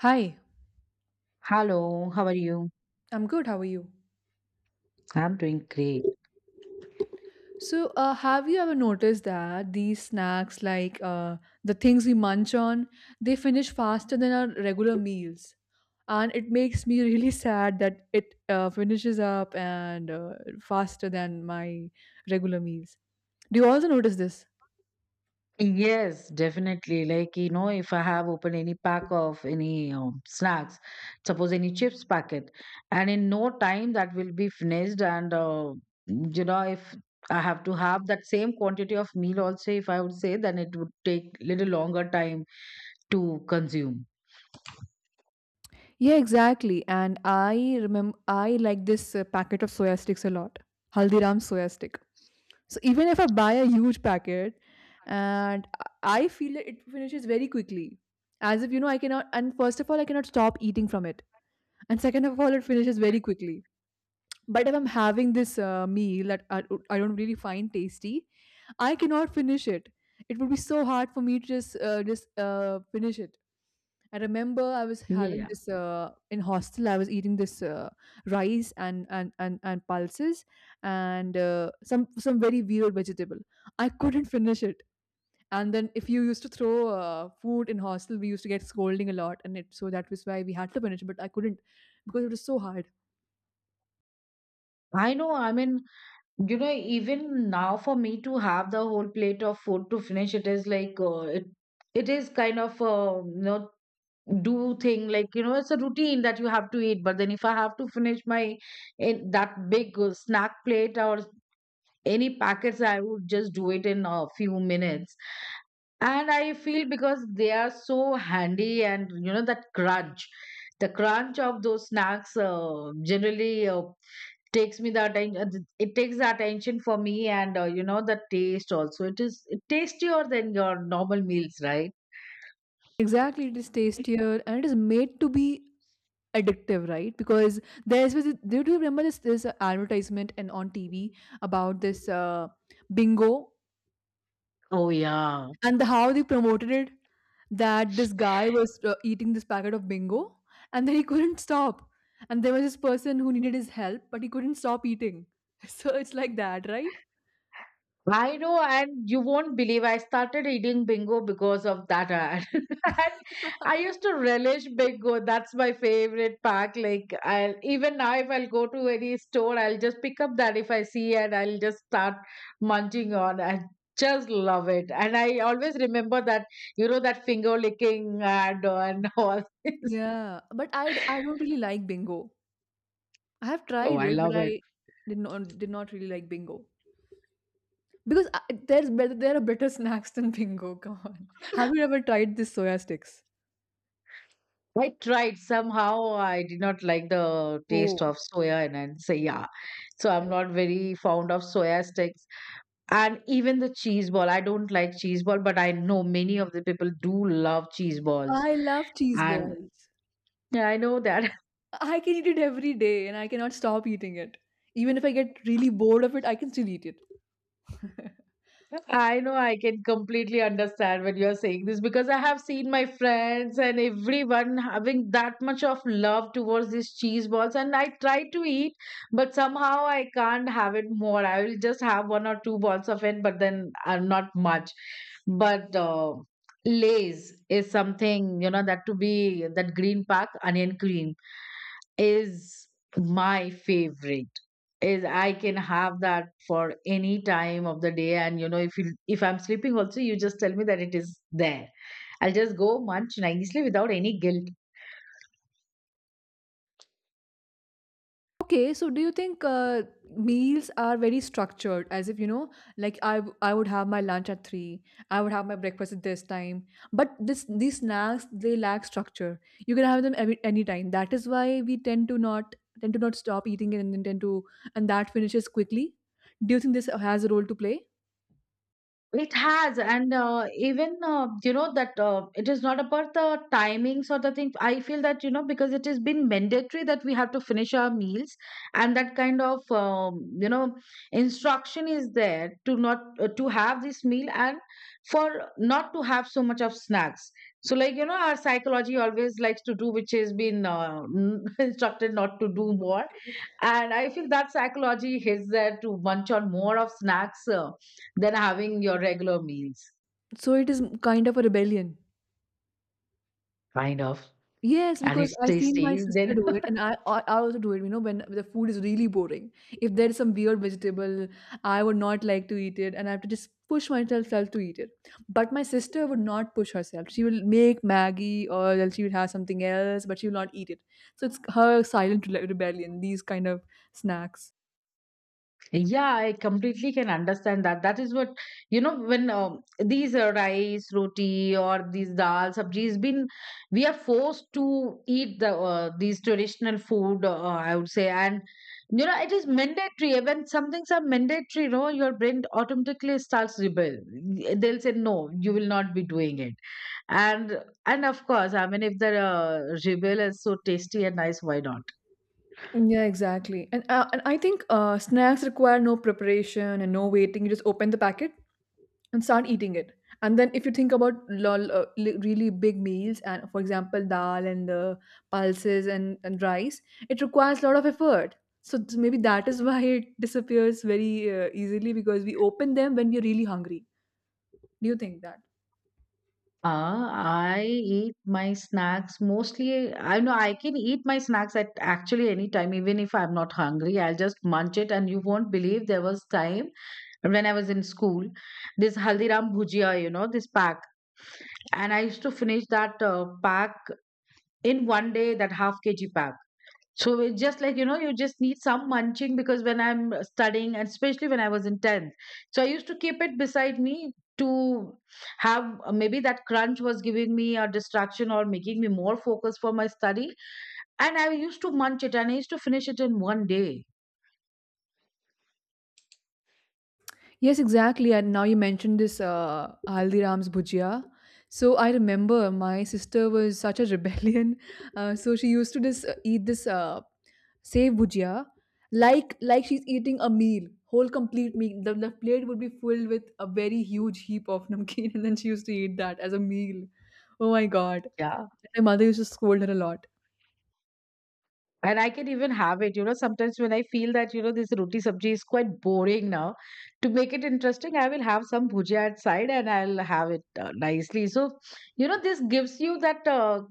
Hi, Hello, how are you? I'm good. How are you? I'm doing great. So have you ever noticed that these snacks, the things we munch on, they finish faster than our regular meals? And it makes me really sad that it finishes up and faster than my regular meals. Do you also notice this? Yes, definitely. Like, you know, if I have opened any pack of any snacks, suppose any chips packet, and in no time that will be finished. And, you know, if I have to have that same quantity of meal also, if I would say, then it would take little longer time to consume. Yeah, exactly. And I remember I like this packet of soya sticks a lot. Haldiram soya stick. So even if I buy a huge packet and I feel that it finishes very quickly, as if you know, I cannot, and first of all, I cannot stop eating from it, and second of all, it finishes very quickly. But if I'm having this meal I don't really find tasty, I cannot finish it. It would be so hard for me to just finish it. I remember I was having Yeah, this in hostel. I was eating this rice and pulses and some very weird vegetable. I couldn't finish it. And then if you used to throw food in hostel, we used to get scolding a lot, and it so that was why we had to finish it, but I couldn't because it was so hard. I know. I mean, you know, even now for me to have the whole plate of food to finish, it is like it is kind of you know do thing like you know it's a routine that you have to eat. But then if I have to finish my in that big snack plate or any packets, I would just do it in a few minutes. And I feel because they are so handy and you know that crunch, the crunch of those snacks generally takes me the attention it takes the attention for me and you know the taste also, it is it tastier than your normal meals, right? Exactly, it is tastier and it is made to be addictive, right? Because there's was do you remember this advertisement and on TV about this bingo Oh, yeah. and the, how they promoted it, that this guy was eating this packet of bingo and then he couldn't stop, and there was this person who needed his help but he couldn't stop eating. So it's like that, right? I know, and you won't believe, I started eating bingo because of that ad. And I used to relish bingo. That's my favorite pack. Like, I'll even now, if I'll go to any store, I'll just pick up that if I see, and I'll just start munching on. I just love it. And I always remember that, you know, that finger licking ad and all this. Yeah, but I don't really like bingo. I have Oh, tried I it, but love I it. did not really like bingo. Because I there are better snacks than bingo, come on. Have you ever tried this soya sticks? I tried somehow. I did not like the taste Oh, of soya, and I say yeah. So I'm okay. not very fond of soya sticks, and even the cheese ball. I don't like cheese ball, but I know many of the people do love cheese balls, I love cheese and balls. yeah, I know that. I can eat it every day and I cannot stop eating it. Even if I get really bored of it, I can still eat it. I know, I can completely understand when you're saying this because I have seen my friends and everyone having that much of love towards these cheese balls, and I try to eat, but somehow I can't have it more. I will just have one or two balls of it, but then not much. But Lay's is something, you know, that to be that green pack onion cream is my favorite, is I can have that for any time of the day, and you know, if you, if I'm sleeping also, you just tell me that it is there, I'll just go munch nicely without any guilt. Okay, so do you think meals are very structured? As if you know, like I would have my lunch at three, I would have my breakfast at this time. But this these snacks they lack structure. You can have them every, any time. That is why we tend to not stop eating it, and then tend to and that finishes quickly. Do you think this has a role to play? It has, and even you know that it is not about the timings or the thing. I feel that, you know, because it has been mandatory that we have to finish our meals, and that kind of you know, instruction is there to not to have this meal, and for not to have so much of snacks. So, like, you know, our psychology always likes to do which has been instructed not to do more. And I feel that psychology hits there to munch on more of snacks than having your regular meals, So it is kind of a rebellion. kind of. Yes, And because it's I've seen my tasty. sister Then, do it, and I also do it. You know, when the food is really boring, if there is some weird vegetable, I would not like to eat it, and I have to just push myself self to eat it. But my sister would not push herself. She will make Maggie, or else she will have something else, but she will not eat it. So it's her rebellion. These kind of snacks. yeah, I completely can understand that. That is what, you know, when these rice, roti, or these dal, sabjis, been, we are forced to eat these traditional food, I would say. And, you know, it is mandatory. When some things are mandatory, you know, your brain automatically starts rebel. They'll say, no, you will not be doing it, and and of course, I mean, if the rebel is so tasty and nice, why not? Yeah, exactly. And I think snacks require no preparation and no waiting. You just open the packet and start eating it. And then if you think about really big meals, and for example, dal and the pulses and rice, it requires a lot of effort. So maybe that is why it disappears very easily because we open them when we're really hungry. Do you think that? Uh, i eat my snacks mostly. I know I can eat my snacks at actually any time, even if I'm not hungry, I'll just munch it. And you won't believe, there was time when I was in school, this Haldiram bhujia, you know, this pack, and I used to finish that pack in 1 day, that half kg pack. So it's just like, you know, you just need some munching, because when I'm studying, and especially when I was in 10th, so I used to keep it beside me to have maybe that crunch was giving me a distraction or making me more focused for my study. And I used to munch it, and I used to finish it in 1 day. Yes, exactly. And now you mentioned this Haldiram's bhujia. So I remember my sister was such a rebellion. So she used to just eat this save bhujia like she's eating a meal, whole complete meal. The plate would be filled with a very huge heap of namkeen, and then she used to eat that as a meal. Oh my god! Yeah. And my mother used to scold her a lot. And I can even have it, you know. Sometimes when I feel that, you know, this roti sabji is quite boring now, to make it interesting, I will have some bhujia at side, and I'll have it nicely. So, you know, this gives you that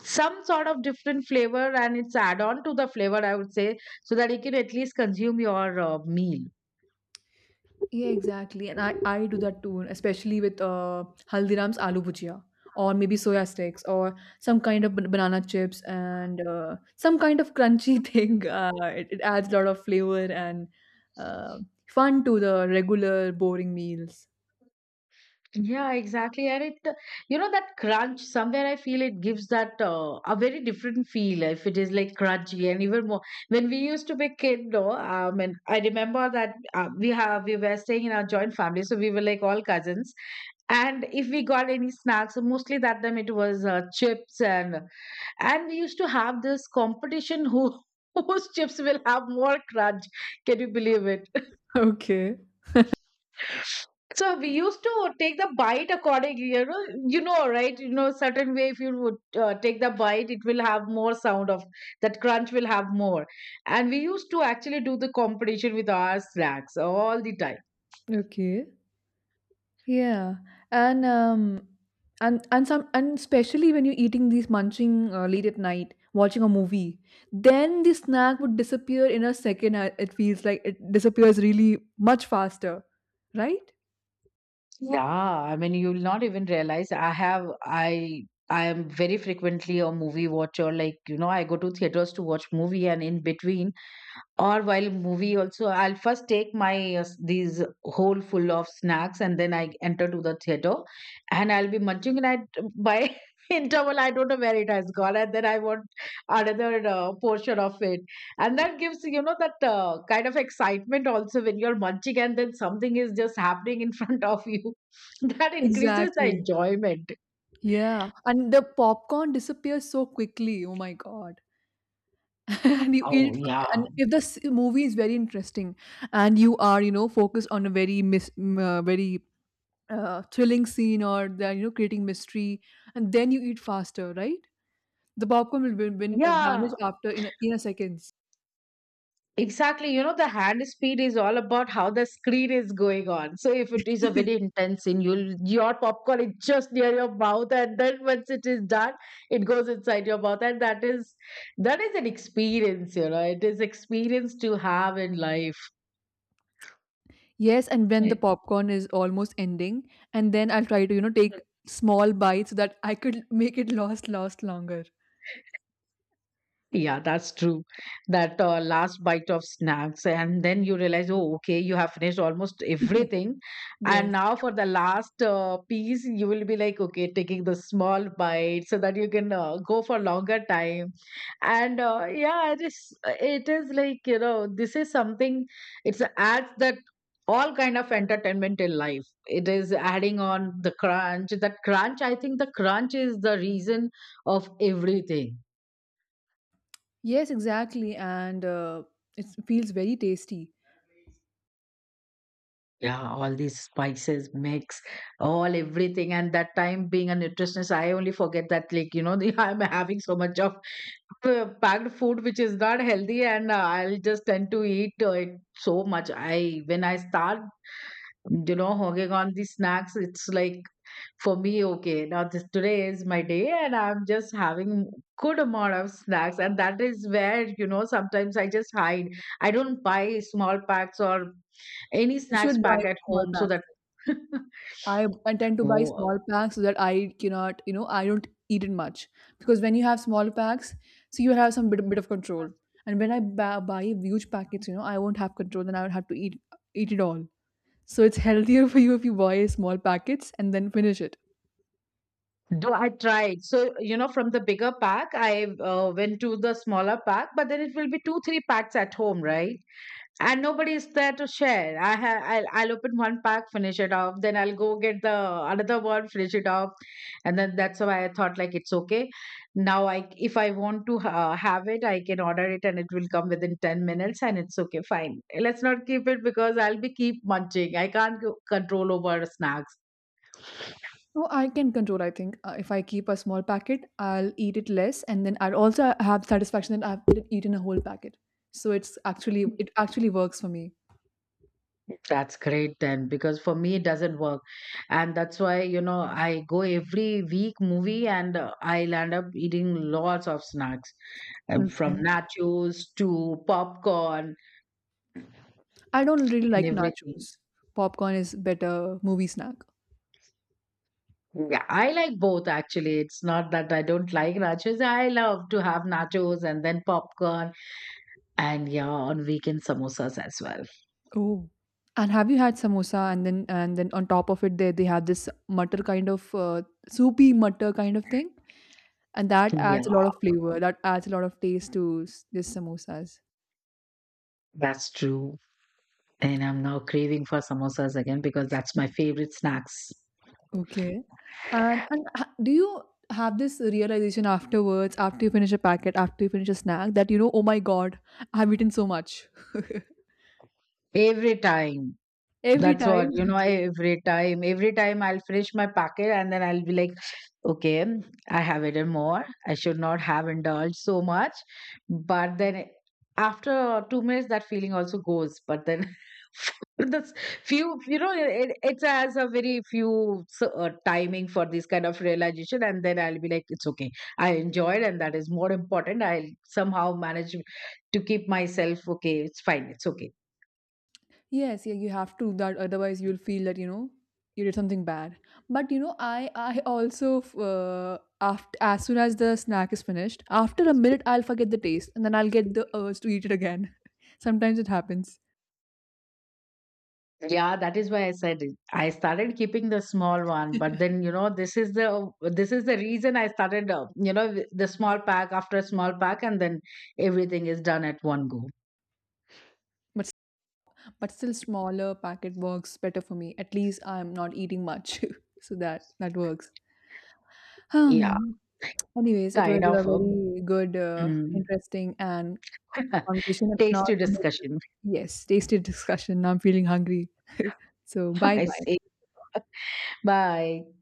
some sort of different flavor, and it's add on to the flavor, I would say, so that you can at least consume your meal. Yeah, exactly. And I do that too, especially with Haldiram's aloo bhujia, or maybe soya sticks, or some kind of banana chips, and some kind of crunchy thing. It adds a lot of flavor and uh, fun to the regular boring meals. Yeah, exactly. And it, you know, that crunch, somewhere I feel it gives that a very different feel if it is like crunchy and even more. When we used to be kid, no, and I remember that we were staying in our joint family, so we were like all cousins. And if we got any snacks, mostly that time it was chips, and we used to have this competition, who whose chips will have more crunch, can you believe it? Okay. So we used to take the bite accordingly, you know, right? You know, certain way, if you would take the bite, it will have more sound of that crunch, will have more. And we used to actually do the competition with our snacks all the time. Okay. Yeah, and and some and especially when you're eating these munching late at night, watching a movie, then the snack would disappear in a second. It feels like it disappears really much faster, right? Yeah, I mean, you'll not even realize. I have I I am very frequently a movie watcher. Like, you know, I go to theaters to watch movie, and in between or while movie also, I'll first take my these whole full of snacks, and then I enter to the theater, and I'll be munching, and I, by interval, I don't know where it has gone, and then I want another portion of it. And that gives, you know, that kind of excitement also, when you're munching and then something is just happening in front of you, that increases the Exactly. enjoyment. Yeah, and the popcorn disappears so quickly. Oh my God. And you eat Oh, it, and yeah. if the movie is very interesting and you are, you know, focused on a very very thrilling scene or the, you know, creating mystery, and then you eat faster, right? The popcorn will vanish Yeah, after in a seconds. exactly. You know, the hand speed is all about how the screen is going on. So if it is a very intense scene, you'll your popcorn is just near your mouth, and then once it is done, it goes inside your mouth. And that is an experience, you know. It is experience to have in life. Yes, and when the Yeah. popcorn is almost ending, and then I'll try to, you know, take small bites so that I could make it last longer. Yeah, that's true. That last bite of snacks, and then you realize, oh, okay, you have finished almost everything. And Yes. now for the last piece, you will be like, okay, taking the small bite so that you can go for longer time. And yeah, it is, like, you know, this is something, it's adds that all kind of entertainment in life. It is adding on the crunch. That crunch, I think the crunch is the reason of everything. Yes, exactly. And it feels very tasty. Yeah, all these spices mix, all everything. And that time, being a nutritionist, I only forget that, like, you know, the, I'm having so much of packed food which is not healthy, and I'll just tend to eat it so much. I When I start, you know, hogging on the snacks, it's like, for me, okay, now this today is my day, and I'm just having good amount of snacks, and that is where, you know, sometimes I just hide. I don't buy small packs or any You snacks should buy pack at small home so packs. that I tend to buy small Oh, packs so that I cannot, you know, I don't eat it much because when you have small packs, so you have some bit of control. And when I buy huge packets, you know, I won't have control. Then I would have to eat it all. So it's healthier for you if you buy small packets and then finish it. do I tried. So, you know, from the bigger pack, I went to the smaller pack, but then it will be two, three packs at home, right? And nobody is there to share. I'll open one pack, finish it off, then I'll go get the another one, finish it off, and then that's why I thought like, it's okay. Now I if I want to have it, I can order it and it will come within 10 minutes, and it's okay, fine. Let's not keep it because I'll be keep munching. I can't control over snacks. No, I can control, I think. If I keep a small packet, I'll eat it less and then I'll also have satisfaction that I've eaten a whole packet. So it actually works for me. That's great then, because for me it doesn't work, and that's why, you know, I go every week movie, and I'll end up eating lots of snacks, from Okay. nachos to popcorn I don't really and like everything. nachos. Popcorn is better movie snack. Yeah, I like both actually. It's not that I don't like nachos. I love to have nachos, and then popcorn, and yeah, on weekend samosas as well. Oh. And have you had samosa and then on top of it they have this mutter kind of soupy mutter kind of thing, and that Yeah, adds a lot of flavor. That adds a lot of taste to this samosas. that's true. And I'm now craving for samosas again, because that's my favorite snacks. Okay. Do you have this realization afterwards, after you finish a packet, after you finish a snack, that you know, oh my God, I've eaten so much. Every time. Every That's what, time. you know, Okay. Every time I'll finish my packet, and then I'll be like, okay, I have eaten more. I should not have indulged so much. But then after 2 minutes, that feeling also goes. But then that's few, you know, it has a very few timing for this kind of realization. And then I'll be like, it's okay. I enjoyed, and that is more important. I'll somehow manage to keep myself okay. It's fine. It's okay. Yes, yeah, you have to do that. Otherwise, you'll feel that you know you did something bad. But you know, I also after as soon as the snack is finished, after a minute, I'll forget the taste, and then I'll get the urge to eat it again. Sometimes it happens. Yeah, that is why I said it. I started keeping the small one, but then, you know, this is the reason I started, you know, with the small pack after a small pack, and then everything is done at one go. But but still smaller packet works better for me. At least I'm not eating much, so that that works. Yeah, Um. Anyways, it was kind a of a very good, mm, interesting, and conversation. Now, tasty I'm like, discussion. yes, tasty discussion. Now I'm feeling hungry. So bye I see. bye. Bye.